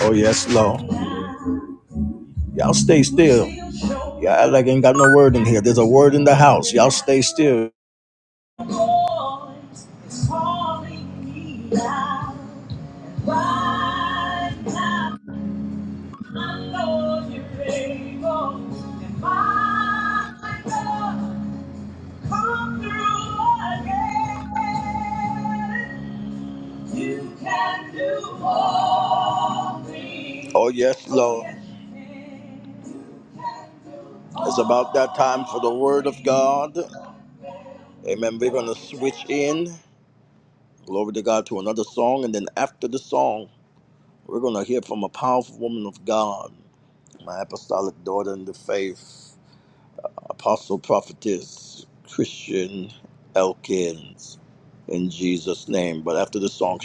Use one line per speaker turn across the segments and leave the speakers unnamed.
Oh yes, Lord. Y'all stay still. Y'all act like ain't got no word in here. There's a word in the house. Y'all stay still. You can do all things. Oh, yes, Lord. It's about that time for the Word of God. Amen. We're going to switch in, glory to God, to another song. And then after the song, we're going to hear from a powerful woman of God, my apostolic daughter in the faith, apostle prophetess Christian Elkins, in Jesus' name. But after the song,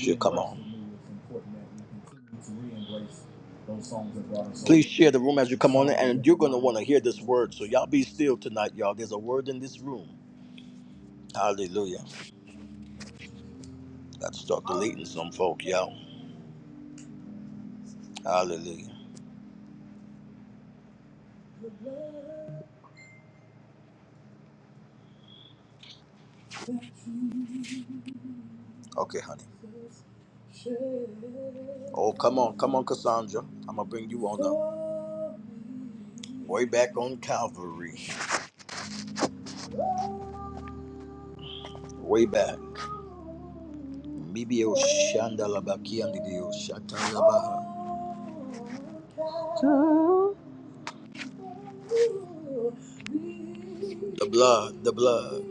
share the room as you come on in, and you're going to want to hear this word. So y'all be still tonight, y'all. There's a word in this room. Hallelujah. Got to start deleting some folk, y'all. Hallelujah. Okay, honey. Oh, come on, come on, Cassandra. I'm gonna bring you on up. Way back on Calvary. Way back. Maybe Shandalabakiandidio Shatalabaha. The blood, the blood.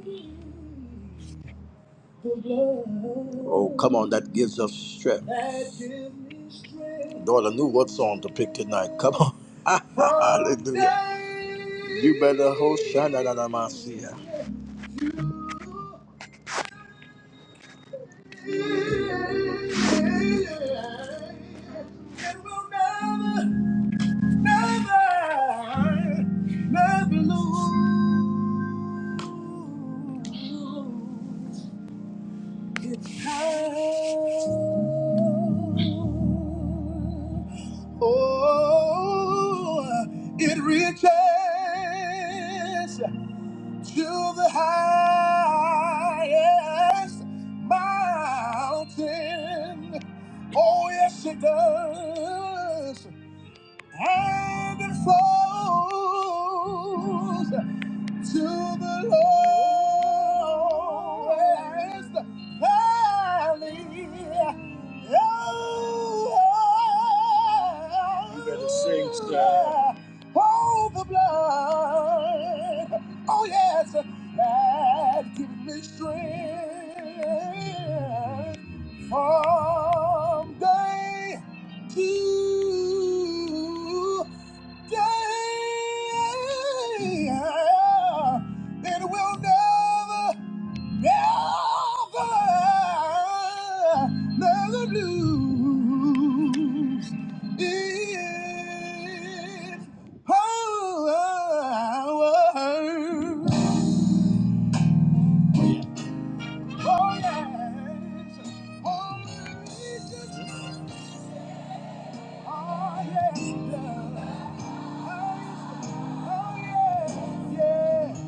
Oh, come on, that gives us strength. Lord, I knew what song to pick tonight. Come on. Hallelujah. You better hold Shananamasia. Never, never, never lose. It's time. Oh, it reaches the highest mountain. Oh, yes, it does. And it flows. to the lowest valley. Oh, you better sing, sir. Oh, the blood. Oh, yes, that gives me strength. From day to day, it will never, never, never lose its power. Holy, holy, Oh, yes, love. Oh, yes, oh, yes, yes.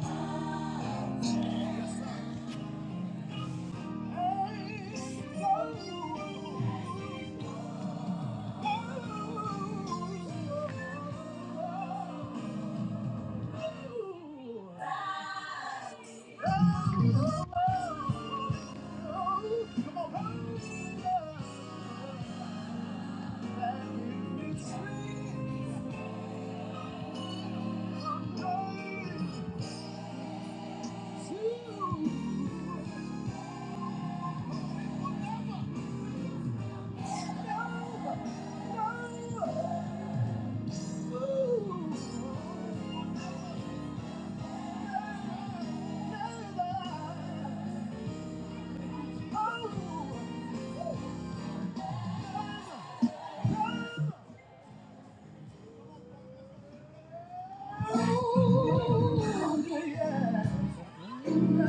Thank you. Oh, yeah. That's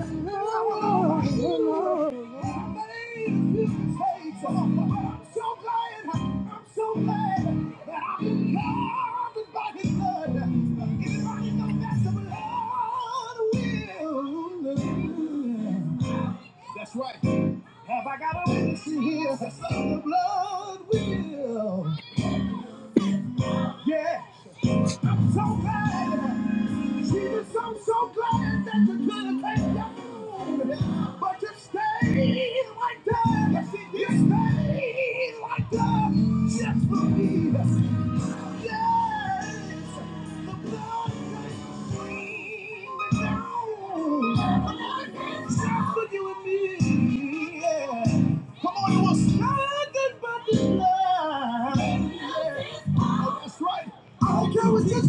right. Have I got a witness in here? That's The blood will. Yeah. I'm so glad. Jesus, I'm so so glad that you could have came down, but you stayed right there. Yes, you stayed right there just for me.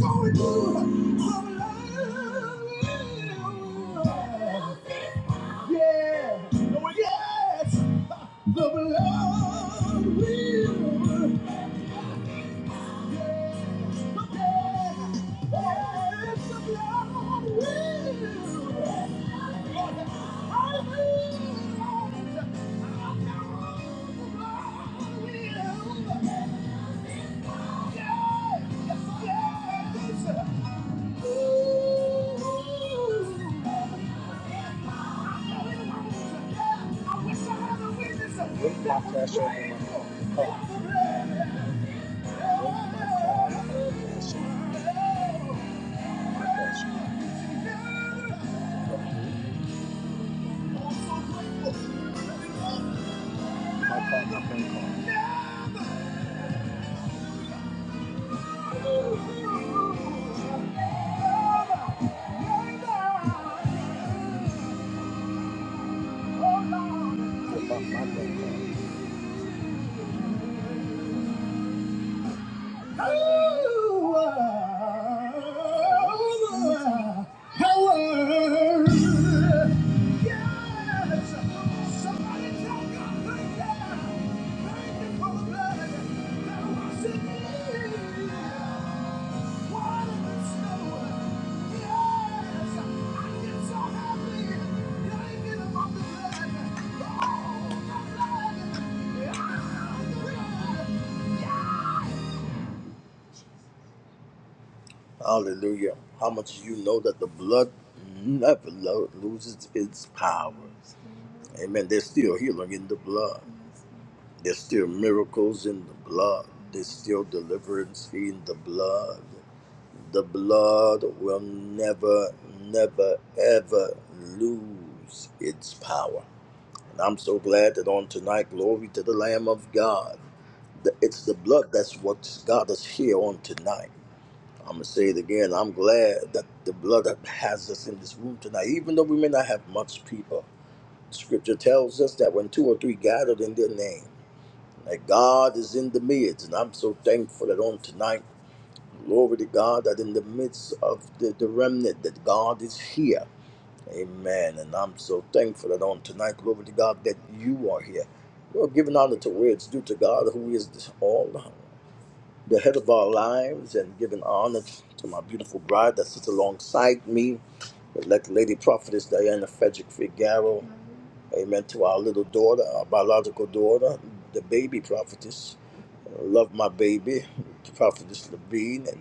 Going through, I'm alive. Yeah. Oh, yes. The blood will. Yes. Yes. Yes. The blood will. Lord, I will. The blood will. Yes. Yes. My you. Yes! Hallelujah. How much you know that the blood never lo- loses its power. Amen. There's still healing in the blood. There's still miracles in the blood. There's still deliverance in the blood. The blood will never, never, ever lose its power. And I'm so glad that on tonight, glory to the Lamb of God. that It's the blood that's what got us here on tonight. I'm gonna say it again. I'm glad that the blood that has us in this room tonight, even though we may not have much people. Scripture tells us that when two or three gathered in their name, that God is in the midst, and I'm so thankful that on tonight, glory to God, that in the midst of the, the remnant, that God is here. Amen. And I'm so thankful that on tonight, glory to God, that you are here. We're giving honor to where it's due to God, who is all the head of our lives and giving honor to my beautiful bride that sits alongside me, elect Lady Prophetess Diana Frederick Figaro. Amen. To our little daughter, our biological daughter, the baby prophetess. Love my baby, Prophetess Levine. and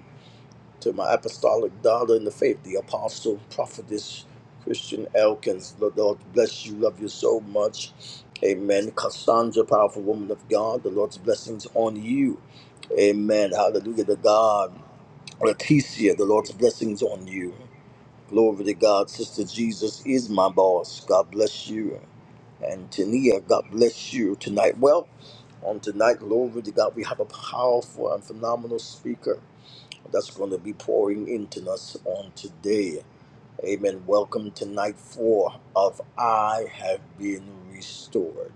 to my apostolic daughter in the faith, the apostle, prophetess, Christian Elkins. The Lord bless you. Love you so much. Amen. Cassandra, powerful woman of God, the Lord's blessings on you. Amen. Hallelujah to God. Leticia, the Lord's blessings on you. Glory to God. Sister Jesus is my boss. God bless you. And Tania, God bless you tonight. Well, on tonight, glory to God, we have a powerful and phenomenal speaker that's going to be pouring into us on today. Amen. Welcome to night four of I Have Been Restored.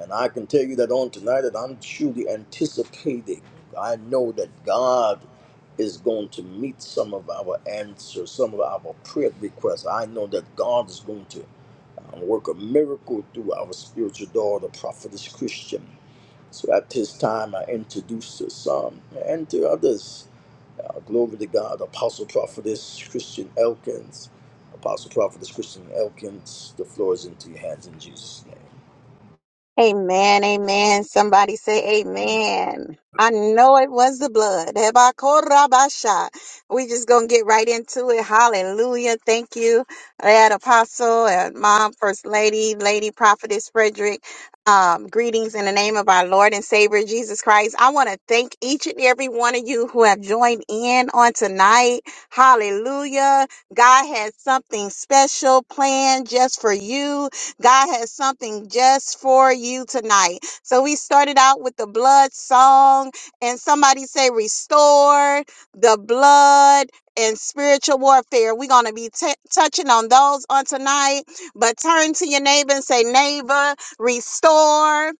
And I can tell you that on tonight that I'm truly anticipating. I know that God is going to meet some of our answers, some of our prayer requests. I know that God is going to uh, work a miracle through our spiritual daughter, prophetess Christian. So at this time, I introduce to some and to others uh, glory to God, Apostle Prophetess Christian Elkins. Apostle Prophetess Christian Elkins, the floor is into your hands in Jesus' name.
Amen, amen. Somebody say amen. I know it was the blood. Hebakorabasha. We just gonna get right into it. Hallelujah. Thank you, that apostle and mom, first lady, lady prophetess Frederick. Um, greetings in the name of our Lord and Savior Jesus Christ. I want to thank each and every one of you who have joined in on tonight. Hallelujah. God has something special planned just for you. God has something just for you tonight. So we started out with the blood song, and somebody say, Restore the blood and spiritual warfare. We're going to be t- touching on those on tonight. But turn to your neighbor and say, Neighbor, restore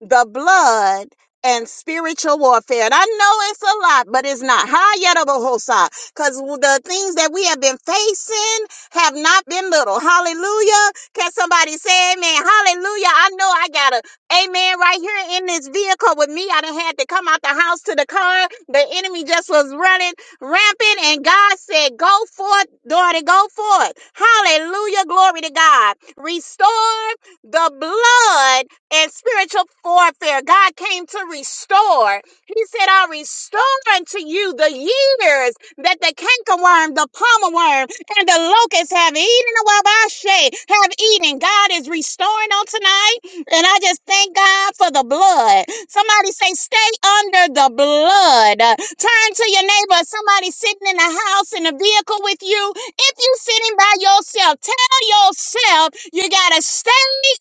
the blood and spiritual warfare. And I know it's a lot, but it's not. Hayatabahosa. Because the things that we have been facing have not been little. Hallelujah. Can somebody say amen? Hallelujah. I know I got a amen right here in this vehicle with me. I done had to come out the house to the car. The enemy just was running rampant. And God said, go forth, daughter, go forth. Hallelujah. Glory to God. Restore the blood and spiritual warfare. God came to restore. He said, I'll restore unto you the years that the cankerworm, the palmer worm, and the locust have eaten away by shade, have eaten. God is restoring on tonight. And I just thank God for the blood. Somebody say, stay under the blood. Uh, Turn to your neighbor. Somebody sitting in the house in a vehicle with you. If you sitting by yourself, tell yourself you gotta stay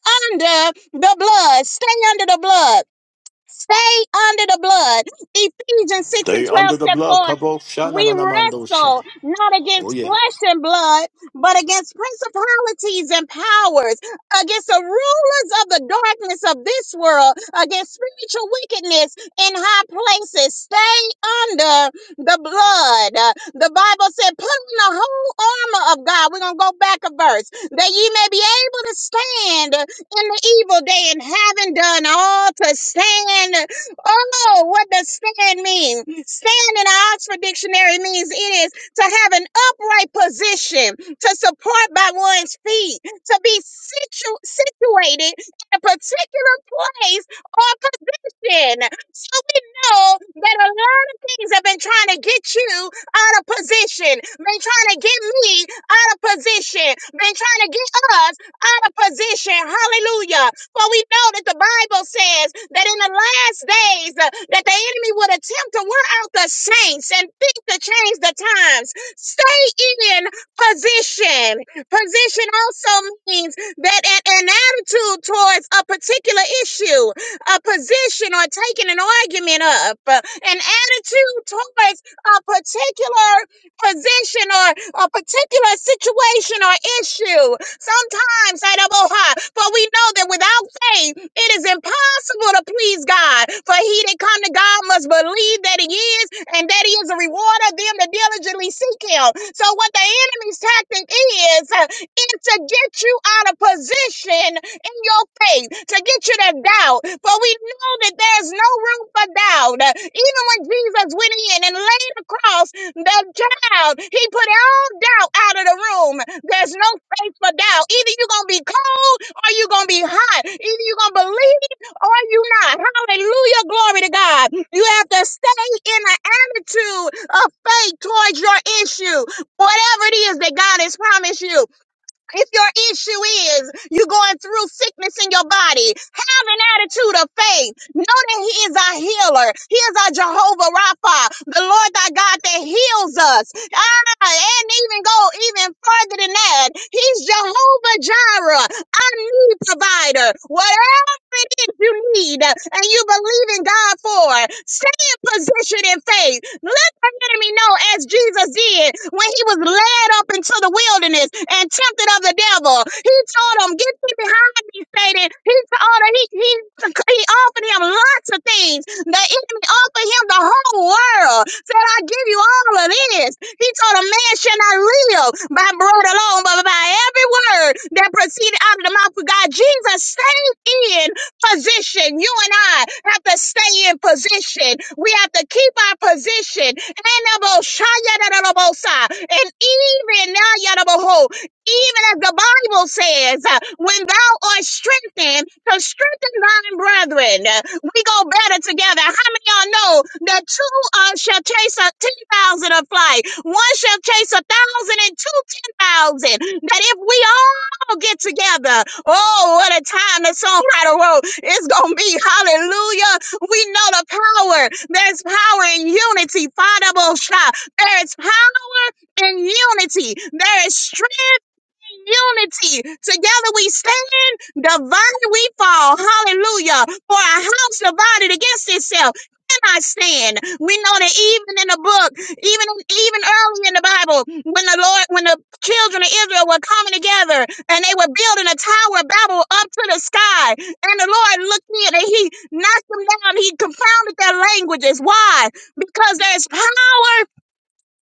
under the blood. Stay under the blood. Stay under the blood. Ephesians 6 and
Stay
12
under the
said,
blood.
For
Kabo shana
we
na na mando shan.
wrestle not
Oh
against
yes.
flesh and blood, but against principalities and powers, against the rulers of the darkness of this world, against spiritual wickedness in high places. Stay under the blood. Uh, The Bible said, put on the whole armor of God. We're going to go back a verse that ye may be able to stand in the evil day and having done all to stand. Oh, what does stand mean? Stand in the Oxford Dictionary means it is to have an upright position, to support by one's feet, to be situ- situated in a particular place or position. So we know that a lot of things have been trying to get you out of position, been trying to get me out of position, been trying to get us out of position. Hallelujah. For we know that the Bible says that in the last days uh, that the enemy would attempt to wear out the saints and think to change the times. Stay in position. Position also means that an, an attitude towards a particular issue, a position or taking an argument up, uh, an attitude towards a particular position or a particular situation or issue. Sometimes, I don't know how, but we know that without faith, it is impossible to please God. For he that come to God must believe that he is and that he is a rewarder of them that diligently seek him. So what the enemy's tactic is, uh, is to get you out of position in your faith to get you to doubt. For we know that there's no room for doubt. Even when Jesus went in and laid across the child, he put all doubt out of the room. There's no faith for doubt. Either you're going to be cold or you're going to be hot. Either you're going to believe or you not. Hallelujah. Glory to God. You have to stay in an attitude of faith towards your issue. Whatever it is that God has promised you. If your issue is you going through sickness in your body, have an attitude of faith. Know that He is our healer. He is our Jehovah Rapha, the Lord thy God that heals us. Ah, and even go even further than that. He's Jehovah Jireh, our need provider. Whatever it is you need and you believe in God for, stay in position in faith the enemy know as Jesus did when he was led up into the wilderness and tempted of the devil. He told him, Get thee behind me, Satan. He told him, he, he, he offered him lots of things. The enemy offered him the whole world. Said, I give you all of this. He told him, Man shall not live by bread alone, but by every word that proceeded out of the mouth of God. Jesus stayed in position. You and I have to stay in position. We have to keep our position. And even now, Yadabaho, even as the Bible says, uh, when thou art strengthened, to strengthen thine brethren. Uh, We go better together. How many of y'all know that two uh, shall chase a ten thousand of flight? One shall chase a thousand and two ten thousand. That if we all get together, oh, what a time the songwriter wrote. It's going to be hallelujah. We know the power. There's power in unity. Father Fadabosha. There is power in unity. There is strength in unity. Together we stand. Divine we fall. Hallelujah. For a house divided against itself cannot stand. We know that even in the book, even even early in the Bible, when the Lord, when the children of Israel were coming together and they were building a tower of Babel up to the sky, and the Lord looked in and He knocked them down. He confounded their languages. Why? Because there's power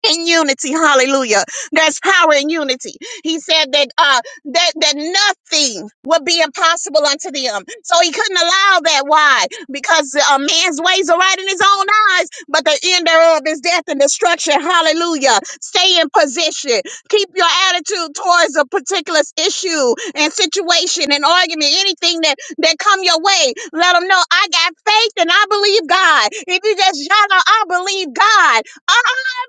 in unity hallelujah there's power in unity he said that uh that that nothing would be impossible unto them so he couldn't allow that why because a man's ways are right in his own eyes but the end thereof is death and destruction hallelujah stay in position keep your attitude towards a particular issue and situation and argument anything that that come your way let them know i got faith and i believe god if you just shout out i believe god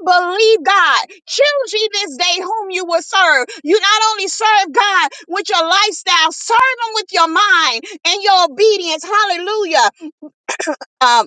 Believe God. Choose ye this day whom you will serve. You not only serve God with your lifestyle, serve Him with your mind and your obedience. Hallelujah. Uh,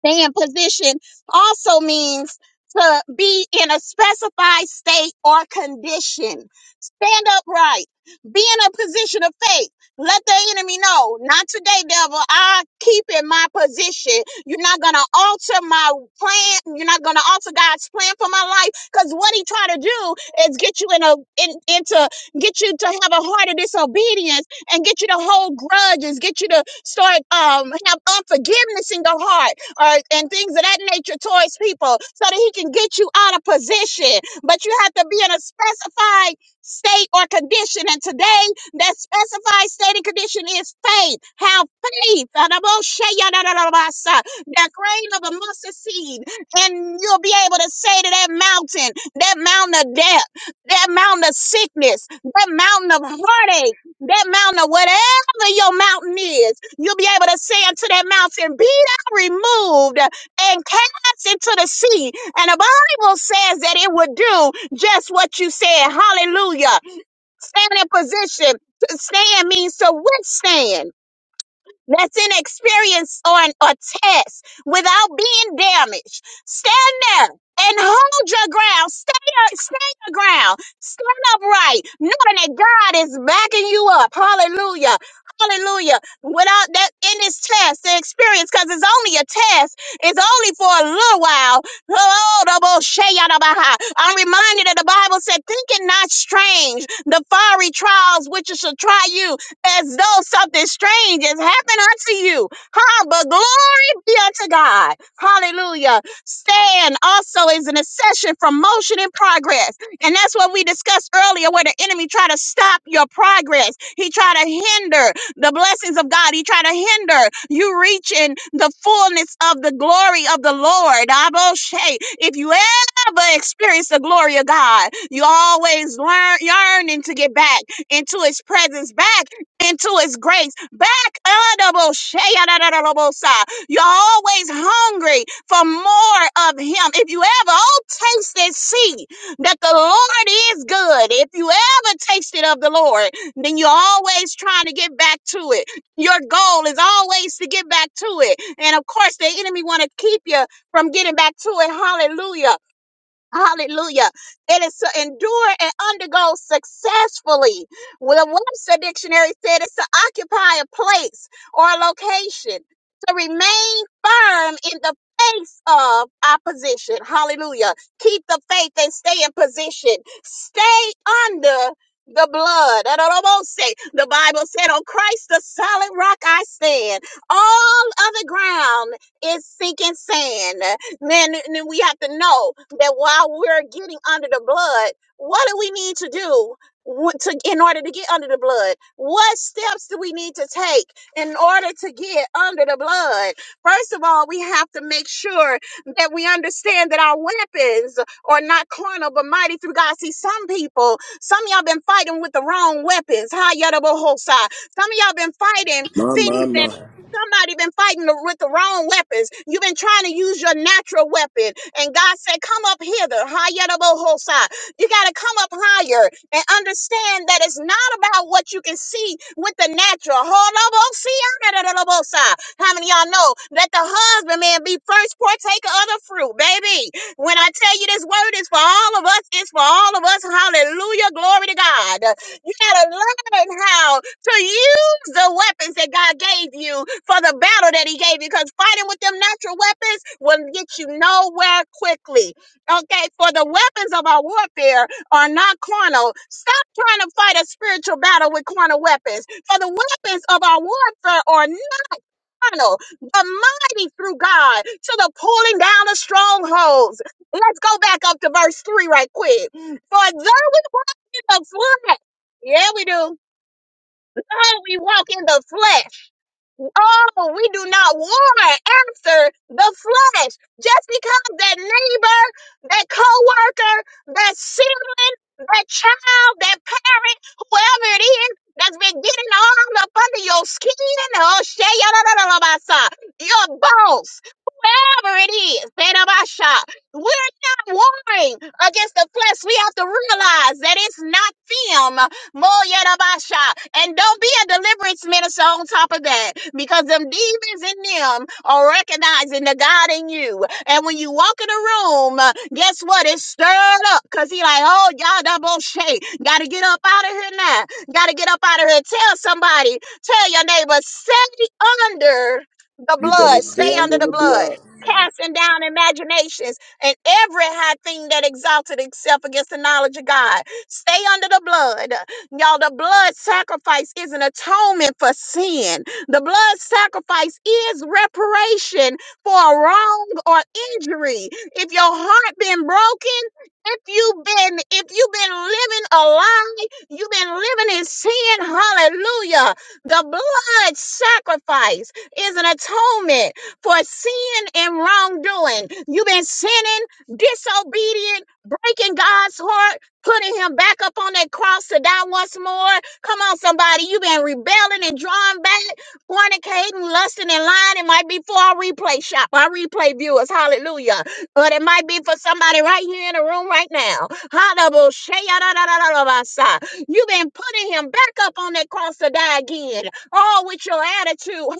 Staying position also means to be in a specified state or condition. Stand upright. Be in a position of faith. Let the enemy know, not today, devil. I keep in my position. You're not going to alter my plan. You're not going to alter God's plan for my life. Cause what he try to do is get you in a, in, into, get you to have a heart of disobedience and get you to hold grudges, get you to start, um, have unforgiveness in your heart or and things of that nature towards people so that he can get you out of position. But you have to be in a specified state or condition. And today, that specified state and condition is faith. Have faith. And I will show you that grain of a mustard seed. And you'll be able to say to that mountain, that mountain of death, that mountain of sickness, that mountain of heartache, that mountain of whatever your mountain is, you'll be able to say unto that mountain, be removed and cast into the sea. And the Bible says that it would do just what you said. Hallelujah. Stand in position. To stand means to withstand that's an experience or an or test without being damaged. Stand there and hold your ground. Stay stay your ground. Stand upright, knowing that God is backing you up. Hallelujah. Hallelujah. Without that in this test, the experience, because it's only a test, it's only for a little while. Oh, the bullshit, yada, baha. I'm reminded that the Bible said, Think it not strange, the fiery trials which shall try you as though something strange has happened unto you. Huh? But glory be unto God. Hallelujah. Stand also is an accession from motion and progress. And that's what we discussed earlier, where the enemy tried to stop your progress. He tried to hinder the blessings of God. He tried to hinder you reaching the fullness of the glory of the Lord. Aboshe. If you ever experience the glory of God, you always learn yearning to get back into his presence back into his grace. Back Adabosheyanadadabosa. You're always hungry for more of him. If you ever oh taste and see that the Lord is good. If you ever tasted of the Lord, then you're always trying to get back to it. Your goal is always to get back to it. And of course the enemy want to keep you from getting back to it. Hallelujah. Hallelujah. It is to endure and undergo successfully. Well, the Webster Dictionary said it's to occupy a place or a location, to remain firm in the face of opposition. Hallelujah. Keep the faith and stay in position. Stay under the blood. I don't almost say the Bible said, On Christ the solid rock I stand. All other ground is sinking sand. Man, and then we have to know that while we're getting under the blood, what do we need to do wh- to in order to get under the blood? What steps do we need to take in order to get under the blood? First of all, we have to make sure that we understand that our weapons are not carnal but mighty through God. See, some people, some of y'all been fighting with the wrong weapons. Hi, Yadabohosa. Some of y'all been fighting
My, my,
things that
my.
Somebody been fighting the, with the wrong weapons. You've been trying to use your natural weapon. And God said, come up hither. Hayatabohosai. You got to come up higher and understand that it's not about what you can see with the natural. Holobosia. How many of y'all know that the husbandman be first partaker of the fruit, baby? When I tell you this word is for all of us, it's for all of us. Hallelujah. Glory to God. You got to learn how to yield. Use the weapons that God gave you for the battle that He gave you. Because fighting with them natural weapons will get you nowhere quickly. Okay, for the weapons of our warfare are not carnal. Stop trying to fight a spiritual battle with carnal weapons. For the weapons of our warfare are carnal, but mighty through God to the pulling down of strongholds. Let's go back up to verse 3 right quick. For though we in the flesh, yeah, we do. Though we walk in the flesh. Oh, we do not war after the flesh. Just because that neighbor, that coworker, that sibling, that child, that parent, whoever it is that's been getting all up under your skin, oh shit, your boss, whoever it is, Shah, we're not warring against the flesh. We have to realize that it's not them. Mo Yerabasha. And don't be a deliverance minister on top of that because them demons in them are recognizing the God in you. And when you walk in the room, uh, guess what? It's stirred up because he like, oh, y'all double shake. Got to get up out of here now. Got to get up out of here. Tell somebody, tell your neighbor, stay under the
You better
blood.
stay
Stay under
under
the
the
blood.
blood.
Casting down imaginations and every high thing that exalted itself against the knowledge of God. Stay under the blood. Y'all, the blood sacrifice is an atonement for sin. The blood sacrifice is reparation for a wrong or injury. If your heart been broken, if you've been if you've been living a lie, you've been living in sin, hallelujah. The blood sacrifice is an atonement for sin and wrongdoing. You've been sinning, disobedient, breaking God's heart putting him back up on that cross to die once more. Come on, somebody. You've been rebelling and drawing back, fornicating, lusting, and lying. It might be for our replay shop, our replay viewers. Hallelujah. But it might be for somebody right here in the room right now. Hallelujah. You've been putting him back up on that cross to die again. Oh, with your attitude. Hallelujah.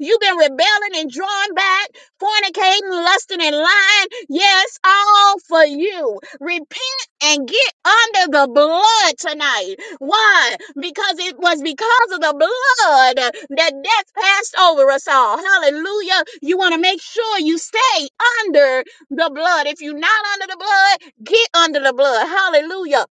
You've been rebelling and drawing back fornicating, lusting, and lying. Yes, all for you. Repent and get under the blood tonight. Why? Because it was because of the blood that death passed over us all. Hallelujah. You want to make sure you stay under the blood. If you're not under the blood, get under the blood. Hallelujah.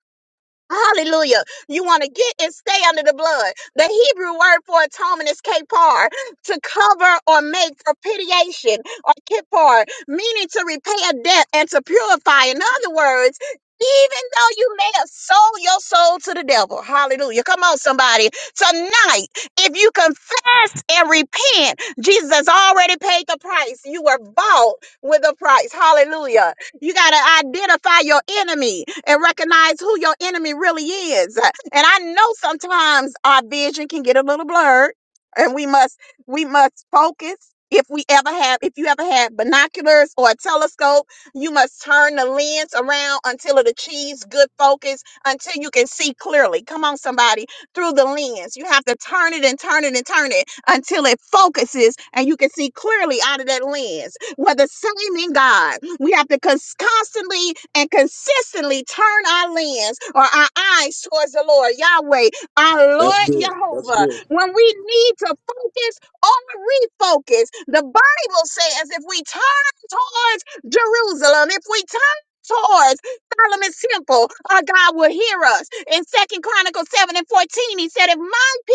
Hallelujah. You want to get and stay under the blood. The Hebrew word for atonement is kapar, to cover or make propitiation or kippar, meaning to repay a debt and to purify. In other words, even though you may have sold your soul to the devil, hallelujah. Come on, somebody. Tonight, if you confess and repent, Jesus has already paid the price. You were bought with a price. Hallelujah. You got to identify your enemy and recognize who your enemy really is. And I know sometimes our vision can get a little blurred and we must we must focus. If we ever have if you ever had binoculars or a telescope, you must turn the lens around until it achieves good focus until you can see clearly. Come on somebody, through the lens. You have to turn it and turn it and turn it until it focuses and you can see clearly out of that lens we're the same in God. We have to cons- constantly and consistently turn our lens or our eyes towards the Lord, Yahweh, our
That's
Lord
good. That's
Jehovah.
good.
When we need to focus or refocus, the Bible says if we turn towards Jerusalem, if we turn towards Solomon's temple, our God will hear us. In Second Chronicles 7 and 14, he said, If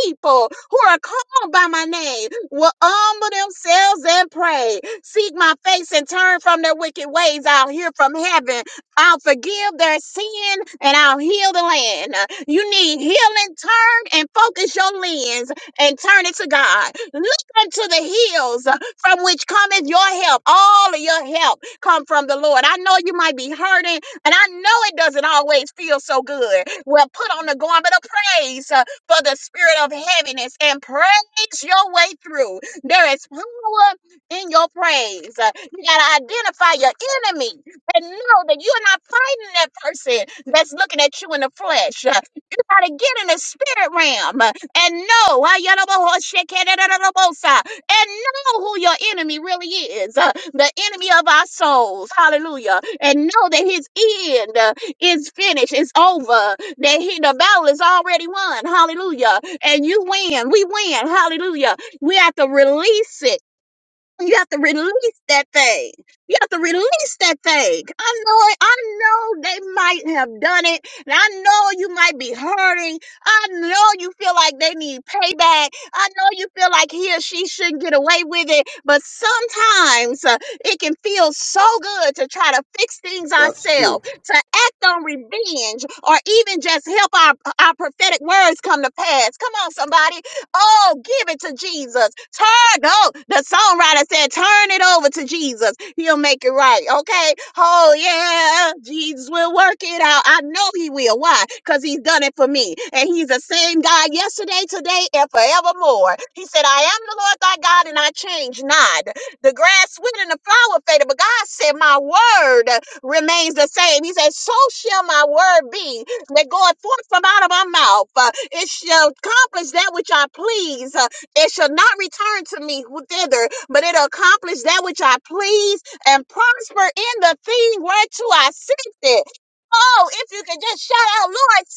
people who are called by my name will humble themselves and pray, seek my face and turn from their wicked ways. I'll hear from heaven. I'll forgive their sin and I'll heal the land. You need healing. Turn and focus your lens and turn it to God. Look unto the hills uh, from which cometh your help. All of your help come from the Lord. I know you might be hurting and I know it doesn't always feel so good. Well, put on the garment of praise for the spirit of heaviness and praise your way through. There is power in your praise. Uh, You got to identify your enemy and know that you're not fighting that person that's looking at you in the flesh. Uh, You got to get in the spirit realm uh, and know uh, yadabahoshekedadadabosa, and know who your enemy really is uh, the enemy of our souls. Hallelujah. And know that his end uh, is finished, it's over that he, the battle is already won. Hallelujah. And you win. We win. Hallelujah. We have to release it you have to release that thing. You have to release that thing. I know it. I know they might have done it. And I know you might be hurting. I know you feel like they need payback. I know you feel like he or she shouldn't get away with it. But sometimes uh, it can feel so good to try to fix things
That's true.
ourselves, to act on revenge, or even just help our, our prophetic words come to pass. Come on, somebody. Oh, give it to Jesus. Turn, oh, the songwriter said, turn it over to Jesus. He'll make it right. Okay. Oh, yeah. Jesus will work it out. I know he will. Why? Because he's done it for me. And he's the same God yesterday, today, and forevermore. He said, I am the Lord thy God, and I change not. The grass withered and the flower faded, but God said, my word remains the same. He said, so shall my word be that goeth forth from out of my mouth. Uh, it shall accomplish that which I please. Uh, it shall not return to me thither, but it'll accomplish that which I please and prosper in the thing whereto I sent it. Oh, if you could just shout out, Lord,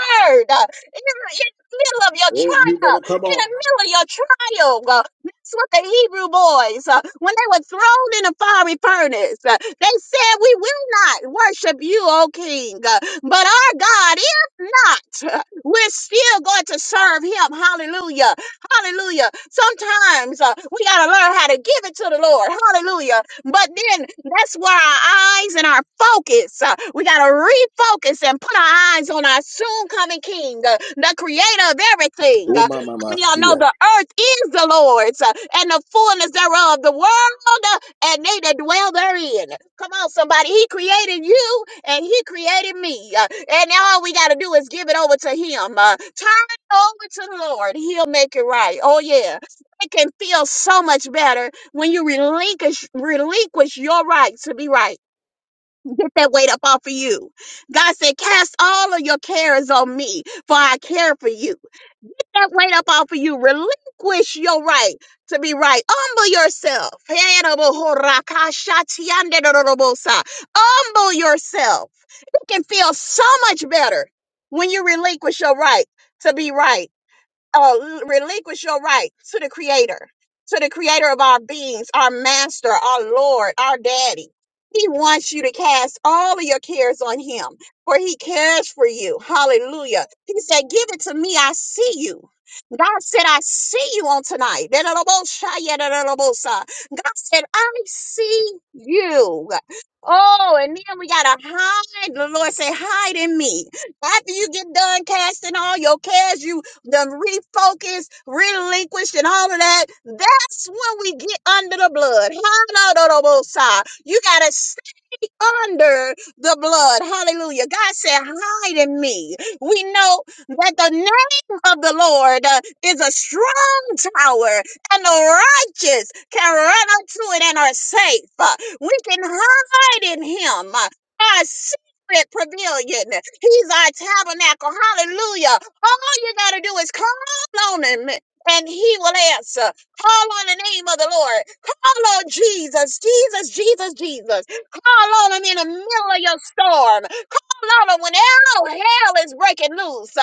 word uh, in the in the middle of your
Oh, you
trial,
better come
in
on.
the middle of your trial. uh, That's what the Hebrew boys, uh, when they were thrown in a fiery furnace, uh, they said, We will not worship you, O king, uh, but our God, if not, uh, we're still going to serve him. Hallelujah. Hallelujah. Sometimes uh, we got to learn how to give it to the Lord. Hallelujah. But then that's where our eyes and our focus, uh, we got to refocus and put our eyes on our soon coming King, uh, the creator of everything. Uh,
Oh, my, my,
how
my.
many of y'all
See
know
ya.
the earth is the Lord's uh, and the fullness thereof, the world uh, and they that dwell therein. Come on, somebody. He created you and he created me. uh, and now all we got to do is give it over to him. Uh, turn it over to the Lord. He'll make it right. Oh, yeah. It can feel so much better when you relinquish relinquish your right to be right get that weight up off of you god said cast all of your cares on me for i care for you Get that weight up off of you relinquish your right to be right humble yourself humble yourself you can feel so much better when you relinquish your right to be right uh, relinquish your right to the creator, to the creator of our beings, our master, our Lord, our daddy. He wants you to cast all of your cares on him, for he cares for you. Hallelujah. He said, Give it to me. I see you. God said, I see you on tonight. God said, I see you. Oh, and then we got to hide. The Lord said, Hide in me. After you get done casting all your cares, you done refocused, relinquished, and all of that, that's when we get under the blood. You gotta under the blood. Hallelujah. God said, hide in me. We know that the name of the Lord uh, is a strong tower and the righteous can run unto it and are safe. Uh, We can hide in him. Uh, Our secret pavilion. He's our tabernacle. Hallelujah. All you got to do is call on him and he will answer. Call on the name of the Lord. Call on Jesus, Jesus, Jesus, Jesus. Call on him in the middle of your storm. Call on him when all hell is breaking loose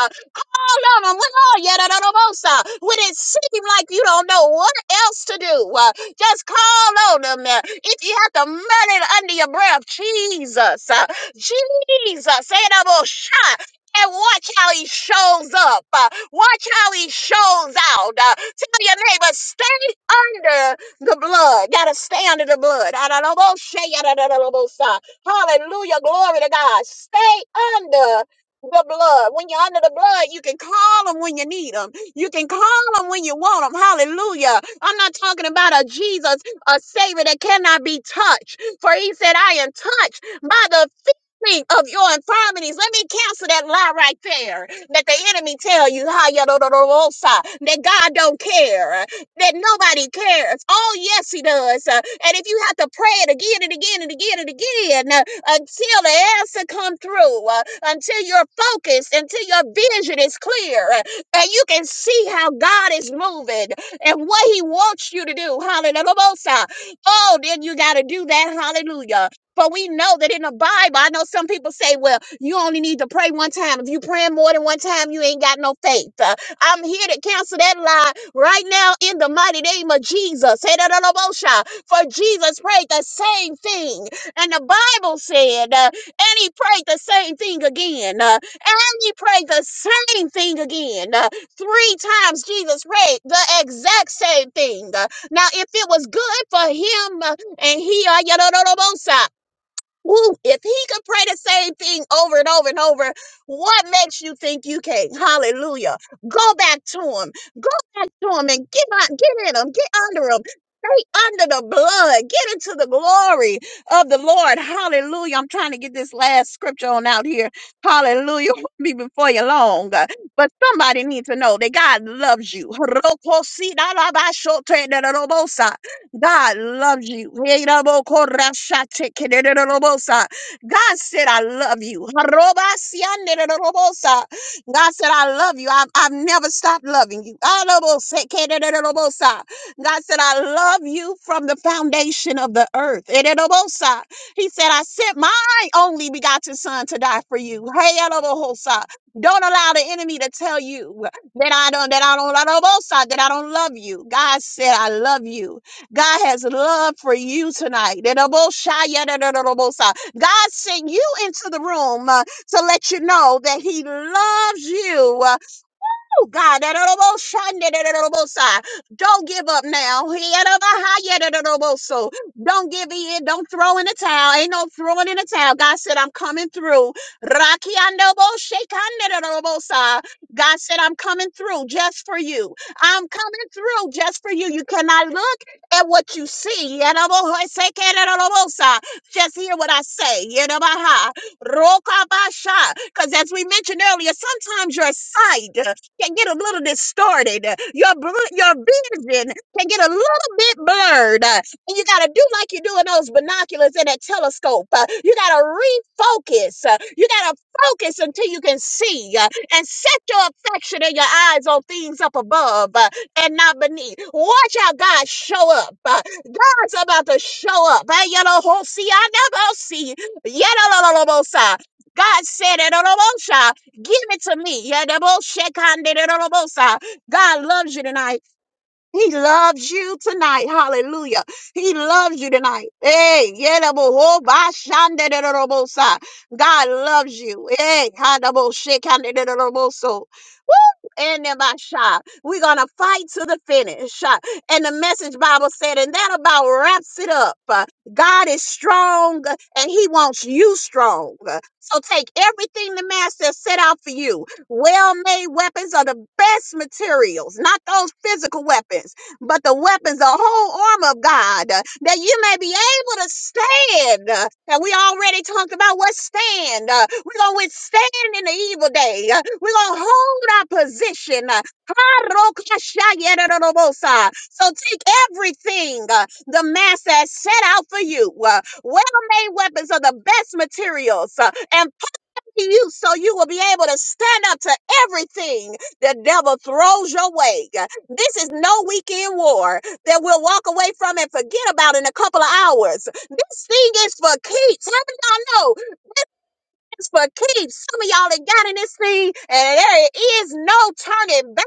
all on them. Look all yet at Omosa. When it seems like you don't know what else to do, uh, just call on them. uh, If you have to murder it under your breath, Jesus, uh, Jesus, say it about shot. And watch how he shows up. uh, watch how he shows out. Uh, tell your neighbor, stay under the blood. Gotta stay under the blood. Adonoboshe, Adonobosha, yadadadadobosha. Hallelujah. Glory to God. Stay under the blood. When you're under the blood, you can call them when you need them. You can call them when you want them. Hallelujah. I'm not talking about a Jesus, a Savior that cannot be touched. For he said, I am touched by the feeling of your infirmities. Let me cancel that lie right there that the enemy tell you "Ha, ya, do, do, do, do, sa," that God don't care, that nobody cares. Oh, yes, he does. Uh, And if you have to pray it again and again and again and again, until the answer come through, uh, until you're focused, until your vision is clear, uh, and you can see how God is moving and what He wants you to do. Hallelujah. Oh, then you got to do that. Hallelujah. But we know that in the Bible, I know some people say, well, you only need to pray one time. If you praying more than one time, you ain't got no faith. Uh, I'm here to cancel that lie right now in the mighty name of Jesus. Hey, da, da, da, bo, sha. For Jesus prayed the same thing. And the Bible said, uh, and he prayed the same thing again. uh, and he prayed the same thing again. uh, three times Jesus prayed the exact same thing. Uh, now, if it was good for him uh, and he, uh, yadadadabosa, woo, if he could pray the same thing over and over and over, what makes you think you can't? Hallelujah. Go back to him back to him and get on, get in him, get under him. Stay under the blood. Get into the glory of the Lord. Hallelujah. I'm trying to get this last scripture on out here. Hallelujah. Won't Be before you long. Uh, But somebody needs to know that God loves you. God loves you. God said, I love you. God said, I love you. I've, I've never stopped loving you. Arabosakederebosa. God said, I love you from the foundation of the earth. Erebosa. He said, I sent my only begotten son to die for you. Hey, Arabosha. don't allow the enemy to tell you that I don't, that I don't, Arabosha, that I don't love you. God said, I love you. God has love for you tonight. Ereboshaya, erebosa. God sent you into the room. uh, to let you know that he loves you. uh, Oh, God. Don't give up now. Don't give in. Don't throw in the towel. Ain't no throwing in the towel. God said, I'm coming through. God said, I'm coming through just for you. I'm coming through just for you. You cannot look at what you see. Just hear what I say. Because as we mentioned earlier, sometimes your sight can get a little distorted. Uh, Your bl- your vision can get a little bit blurred. Uh, And you got to do like you do in those binoculars and that telescope. Uh, You got to refocus. Uh, You got to focus until you can see uh, and set your affection and your eyes on things up above uh, and not beneath. Watch how God show up. Uh, God's about to show up. Hey, you know, see, I never see. Yeah, no, no, no, no, no, sir. God said it. Give it to me. Yeah, the most shake hand, the de robosa. God loves you tonight. He loves you tonight. Hallelujah. He loves you tonight. Hey, yedabo ho ba shan God loves you. Hey, ha da Woo! And then my shot. We're gonna fight to the finish. Uh, And the message Bible said, and that about wraps it up. Uh, God is strong uh, and he wants you strong. Uh, So take everything the master set out for you well made weapons are the best materials, not those physical weapons, but the weapons, the whole armor of God, uh, that you may be able to stand. uh, And we already talked about what stand. uh, We're going to withstand in the evil day. uh, We're going to hold our position. uh, Harokashayerorobosa. So take everything uh, the master has set out for you. uh, Well made weapons are the best materials. uh, And to you so you will be able to stand up to everything the devil throws your way. This is no weekend war that we'll walk away from and forget about in a couple of hours. This thing is for keeps. How do y'all know it's for keeps? Some of y'all that got in this thing and there is no turning back.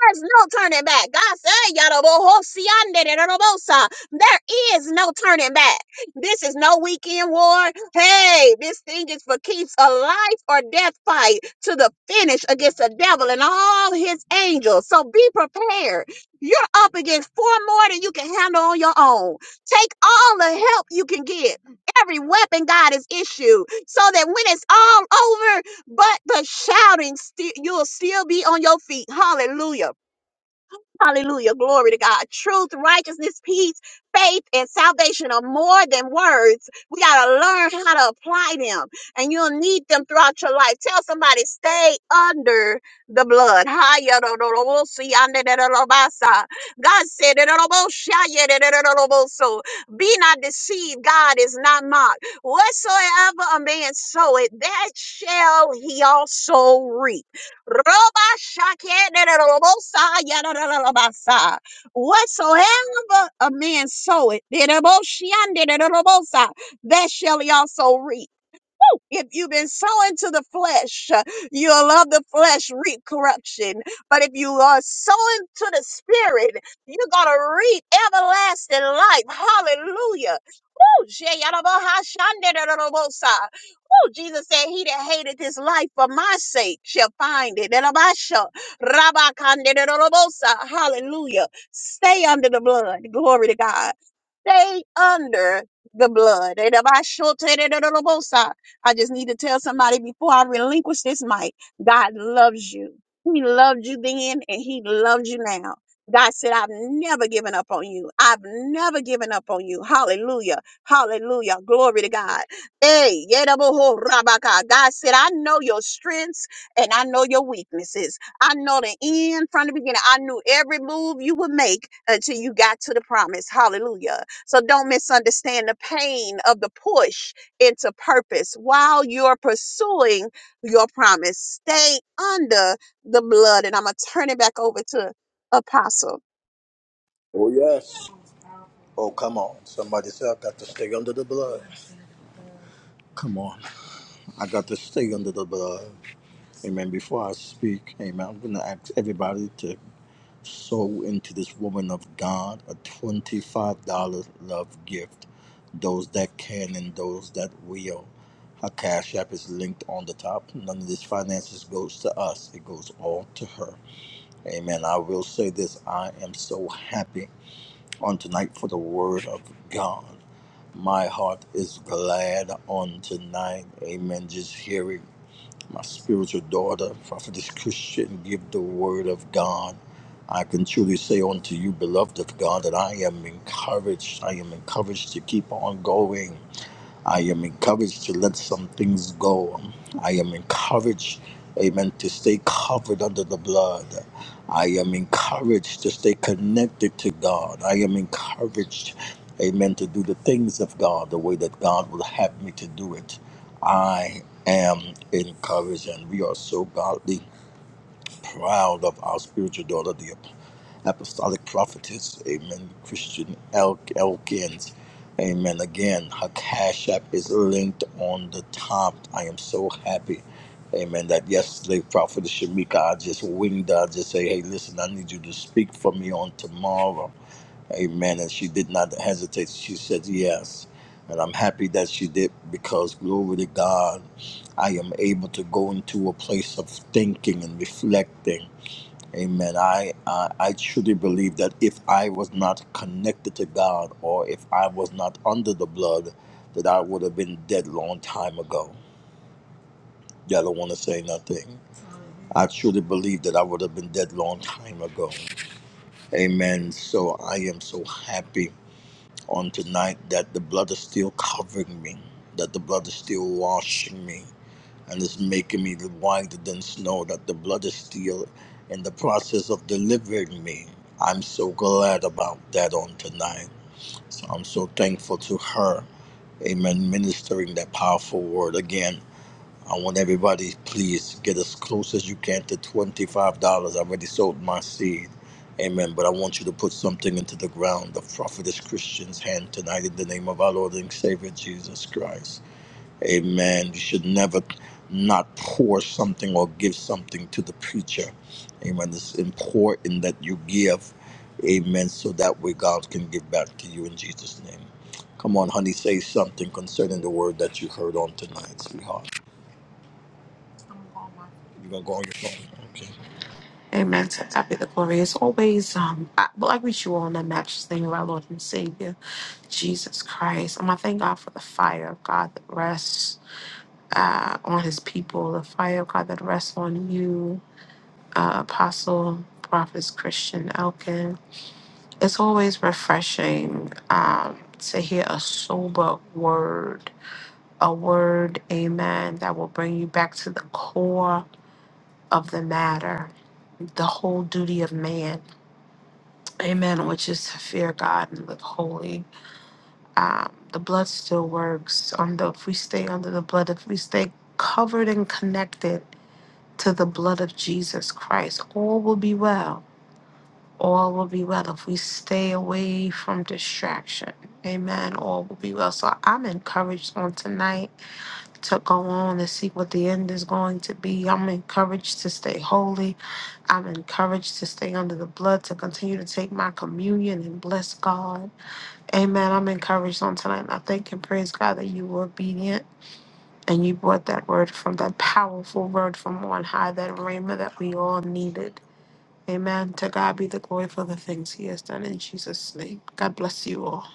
There's no turning back. God said, "Yadabosiande de dadabosa." There is no turning back. This is no weekend war. Hey, this thing is for keeps a life or death fight to the finish against the devil and all his angels. So be prepared. You're up against four more than you can handle on your own. Take all the help you can get every weapon God has issued so that when it's all over, but the shouting, still you'll still be on your feet. Hallelujah. Hallelujah. Glory to God. Truth, righteousness, peace, faith, and salvation are more than words. We got to learn how to apply them, and you'll need them throughout your life. Tell somebody, stay under the blood. Haya do do do bo si ande de de lo ba sa. God said, de de do bo sha ye de de de do bo so. Be not deceived. God is not mocked. Whatsoever a man soweth, that shall he also reap. Roba shakedededorobosa, yadadadadabasa. Whatsoever a man soweth, dedeboshiandededorobosa, that shall he also reap. If you've been sowing to the flesh, uh, you'll love the flesh, reap corruption. But if you are sowing to the spirit, you're going to reap everlasting life. Hallelujah. Woo! Sheyadabohashandededorobosa. Woo! Jesus said, He that hated his life for my sake shall find it. Elabasha, rabakandedorobosa. Hallelujah. Stay under the blood. Glory to God. Stay under the blood. Elabashotedorobosa. I just need to tell somebody before I relinquish this mic God loves you. He loved you then and He loves you now. God said, I've never given up on you. I've never given up on you. Hallelujah. Hallelujah. Glory to God. Hey, Yedaboho Rabaka. God said, I know your strengths and I know your weaknesses. I know the end from the beginning. I knew every move you would make until you got to the promise. Hallelujah. So don't misunderstand the pain of the push into purpose while you're pursuing your promise. Stay under the blood. And I'm going to turn it back over to Apostle.
Oh, yes. Oh, come on. Somebody said, I got to stay under the blood. Come on. I got to stay under the blood. Amen. Before I speak, amen, I'm going to ask everybody to sow into this woman of God a $25 love gift. Those that can and those that will. Her cash app is linked on the top. None of this finances goes to us. It goes all to her. Amen. I will say this. I am so happy on tonight for the word of God. My heart is glad on tonight. Amen. Just hearing my spiritual daughter, Prophetess Christian, give the word of God. I can truly say unto you, beloved of God, that I am encouraged. I am encouraged to keep on going. I am encouraged to let some things go. I am encouraged, amen, to stay covered under the blood. I am encouraged to stay connected to God. I am encouraged, amen, to do the things of God the way that God will have me to do it. I am encouraged, and we are so godly proud of our spiritual daughter, The apostolic prophetess, amen, Christian El- Elkins, amen. Again, her cash app is linked on the top. I am so happy, amen, that yesterday, Prophetess Shamika, I just winged her, I just say, hey, listen, I need you to speak for me on tomorrow, amen. And she did not hesitate, she said yes. And I'm happy that she did because, glory to God, I am able to go into a place of thinking and reflecting Amen. I, I I truly believe that if I was not connected to God or if I was not under the blood, that I would have been dead long time ago. Y'all don't want to say nothing. I truly believe that I would have been dead long time ago. Amen. So I am so happy on tonight that the blood is still covering me, that the blood is still washing me and it's making me wider than snow that the blood is still in the process of delivering me. I'm so glad about that on tonight. So I'm so thankful to her. Amen. Ministering that powerful word again. I want everybody, please get as close as you can to $25. I already sold my seed. Amen. But I want you to put something into the ground of Prophetess Christian's hand tonight in the name of our Lord and Savior Jesus Christ. Amen. You should never not pour something or give something to the preacher. Amen. It's important that you give. Amen. So that way God can give back to you in Jesus' name. Come on, honey, say something concerning the word that you heard on tonight, sweetheart. You gonna go on your phone? Okay.
Amen. To God be the glory. As always, um, I, but I greet you all in the matchless name of our Lord and Savior, Jesus Christ. Um, I thank God for the fire of God that rests uh, on His people, the fire of God that rests on you, uh, Apostle, Prophets, Christian, Elkin. It's always refreshing um, to hear a sober word, a word, amen, that will bring you back to the core of the matter, the whole duty of man, amen, which is to fear God and live holy. Um, the blood still works. On the, if we stay under the blood, if we stay covered and connected to the blood of Jesus Christ, all will be well. All will be well if we stay away from distraction. Amen. All will be well. So I'm encouraged on tonight. to go on and see what the end is going to be. I'm encouraged to stay holy. I'm encouraged to stay under the blood, to continue to take my communion and bless God. Amen. I'm encouraged on tonight. And I thank and praise God that you were obedient and you brought that word from that powerful word from on high, that rhema that we all needed. Amen. To God be the glory for the things he has done in Jesus' name. God bless you all.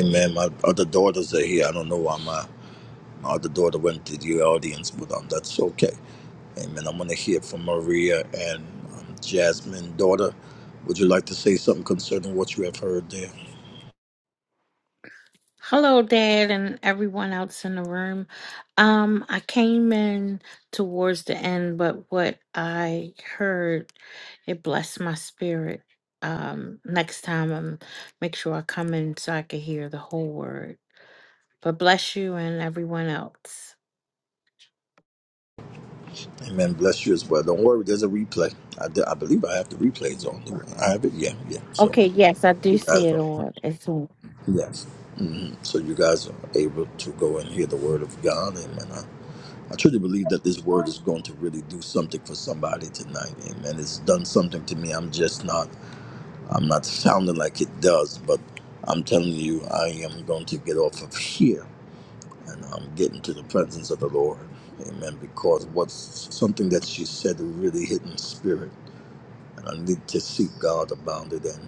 Amen. My other daughters are here. I don't know why. my. Uh, the daughter went to the audience, but um, that's okay. Amen. I'm going to hear from Maria and um, Jasmine, daughter. Would you like to say something concerning what you have heard there?
Hello, Dad, and everyone else in the room. Um, I came in towards the end, but what I heard it blessed my spirit. Um, next time I'm make sure I come in so I can hear the whole word. But bless you and everyone else.
Amen. Bless you as well. Don't worry, there's a replay. I, d- I believe I have the replays on. Do I have it? Yeah, yeah. So
Okay, yes, I do
you
see
guys
it
are,
on. It's
yes. hmm So you guys are
on.
able to go and hear the word of God. Amen. I, I truly believe that this word is going to really do something for somebody tonight. Amen. It's done something to me. I'm just not. I'm not sounding like it does, but I'm telling you, I am going to get off of here and I'm getting to the presence of the Lord. Amen. Because what's something that she said really hit in spirit, and I need to seek God about it and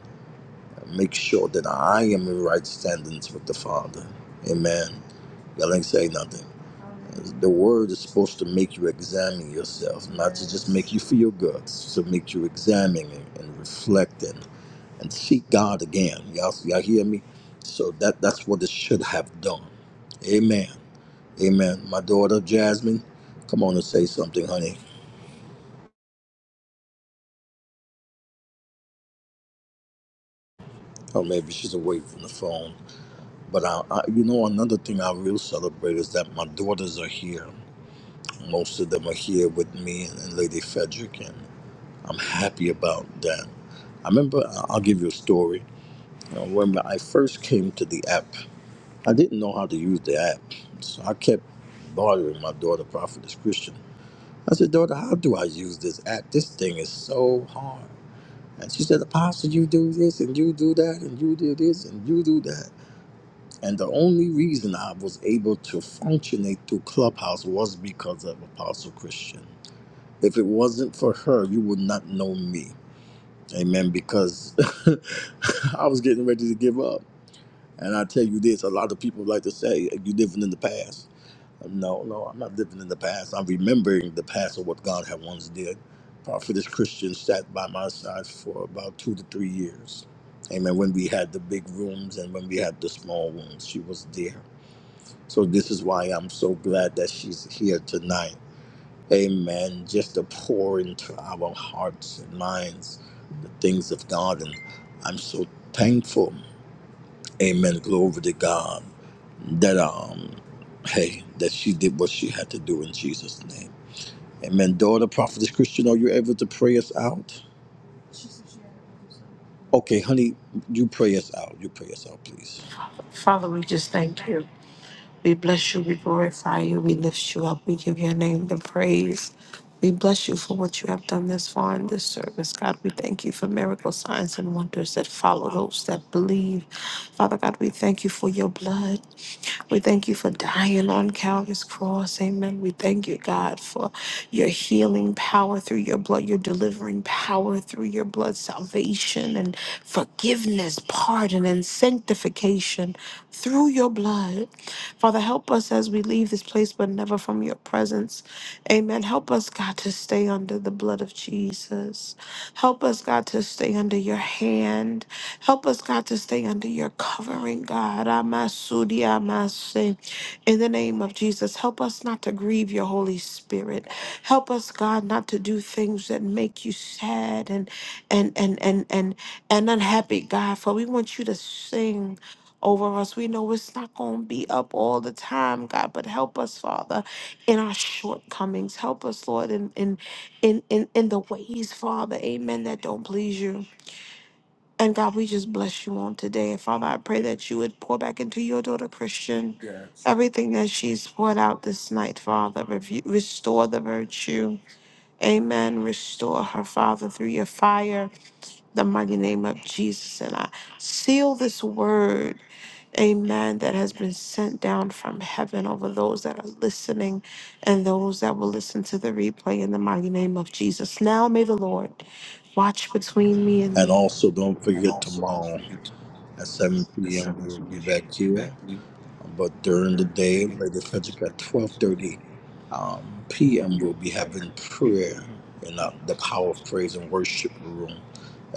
make sure that I am in right standings with the Father. Amen. Y'all ain't say nothing. The word is supposed to make you examine yourself, not to just make you feel good, it's to make you examine and reflecting and seek God again. Y'all, y'all hear me? So that that's what it should have done. Amen. Amen. My daughter Jasmine, come on and say something, honey. Or maybe she's away from the phone. But I, I, you know, another thing I will celebrate is that my daughters are here. Most of them are here with me and, and Lady Frederick, and I'm happy about that. I remember, I- I'll give you a story. I remember I first came to the app. I didn't know how to use the app, so I kept bothering my daughter, Prophetess Christian. I said, Daughter, how do I use this app? This thing is so hard. And she said, Apostle, you do this and you do that and you do this and you do that. And the only reason I was able to functionate through Clubhouse was because of Apostle Christian. If it wasn't for her, you would not know me. Amen. Because I was getting ready to give up. And I tell you this a lot of people like to say, You're living in the past. No, no, I'm not living in the past. I'm remembering the past of what God had once did. Prophetess Christian sat by my side for about two to three years. Amen. When we had the big rooms and when we had the small rooms, she was there. So this is why I'm so glad that she's here tonight. Amen. Just to pour into our hearts and minds the things of God. And I'm so thankful. Amen. Glory to God that um hey that she did what she had to do in jesus name amen daughter prophetess christian are you able to pray us out okay honey you pray us out you pray us out please
Father, we just thank you. We bless you, we glorify you, we lift you up, we give your name the praise. We bless you for what you have done this far in this service. God, we thank you for miracle signs and wonders that follow those that believe. Father God, we thank you for your blood. We thank you for dying on Calvary's cross. Amen. We thank you, God, for your healing power through your blood, your delivering power through your blood, salvation and forgiveness, pardon, and sanctification through your blood. Father, help us as we leave this place, but never from your presence. Amen. Help us, God, to stay under the blood of Jesus. Help us, God, to stay under your hand. Help us, God, to stay under your covering, God. Amasudi, amase. In the name of Jesus, help us not to grieve your Holy Spirit. Help us, God, not to do things that make you sad and and and and and and unhappy, God. For we want you to sing over us. We know it's not going to be up all the time, God, but help us, Father in our shortcomings. Help us, Lord, in in in in, in the ways, Father, amen, that don't please you. And God, we just bless you on today. And Father, I pray that you would pour back into your daughter Christian Yes. everything that she's poured out this night, Father. Review, restore the virtue. Amen. Restore her, Father, through your fire, the mighty name of Jesus. And I seal this word. Amen. That has been sent down from heaven over those that are listening and those that will listen to the replay in the mighty name of Jesus. Now may the Lord watch between me and
and
thee.
also don't forget tomorrow at 7 p.m we'll be back here but during the day lady frederick at 12.30 um, p.m we'll be having prayer in the, the power of praise and worship room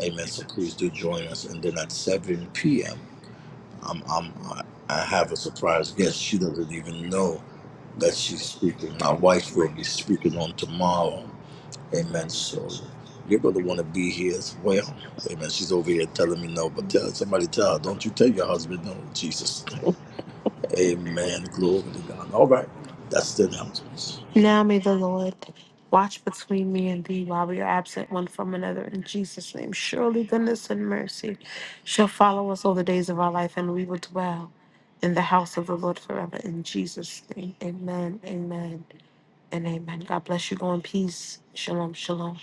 amen so please do join us and then at 7 p.m I'm, I'm, I I have a surprise guest. She doesn't even know that she's speaking. My wife will be speaking on tomorrow. Amen. So you're going to want to be here as well. Amen. She's over here telling me no, but tell somebody tell her, don't you tell your husband no, in Jesus. name. Amen. Glory to God. All right. That's the announcements.
Now may the Lord watch between me and thee while we are absent one from another in Jesus' name. Surely goodness and mercy shall follow us all the days of our life, and we will dwell in the house of the Lord forever in Jesus' name. Amen. Amen. And amen. God bless you. Go in peace. Shalom. Shalom.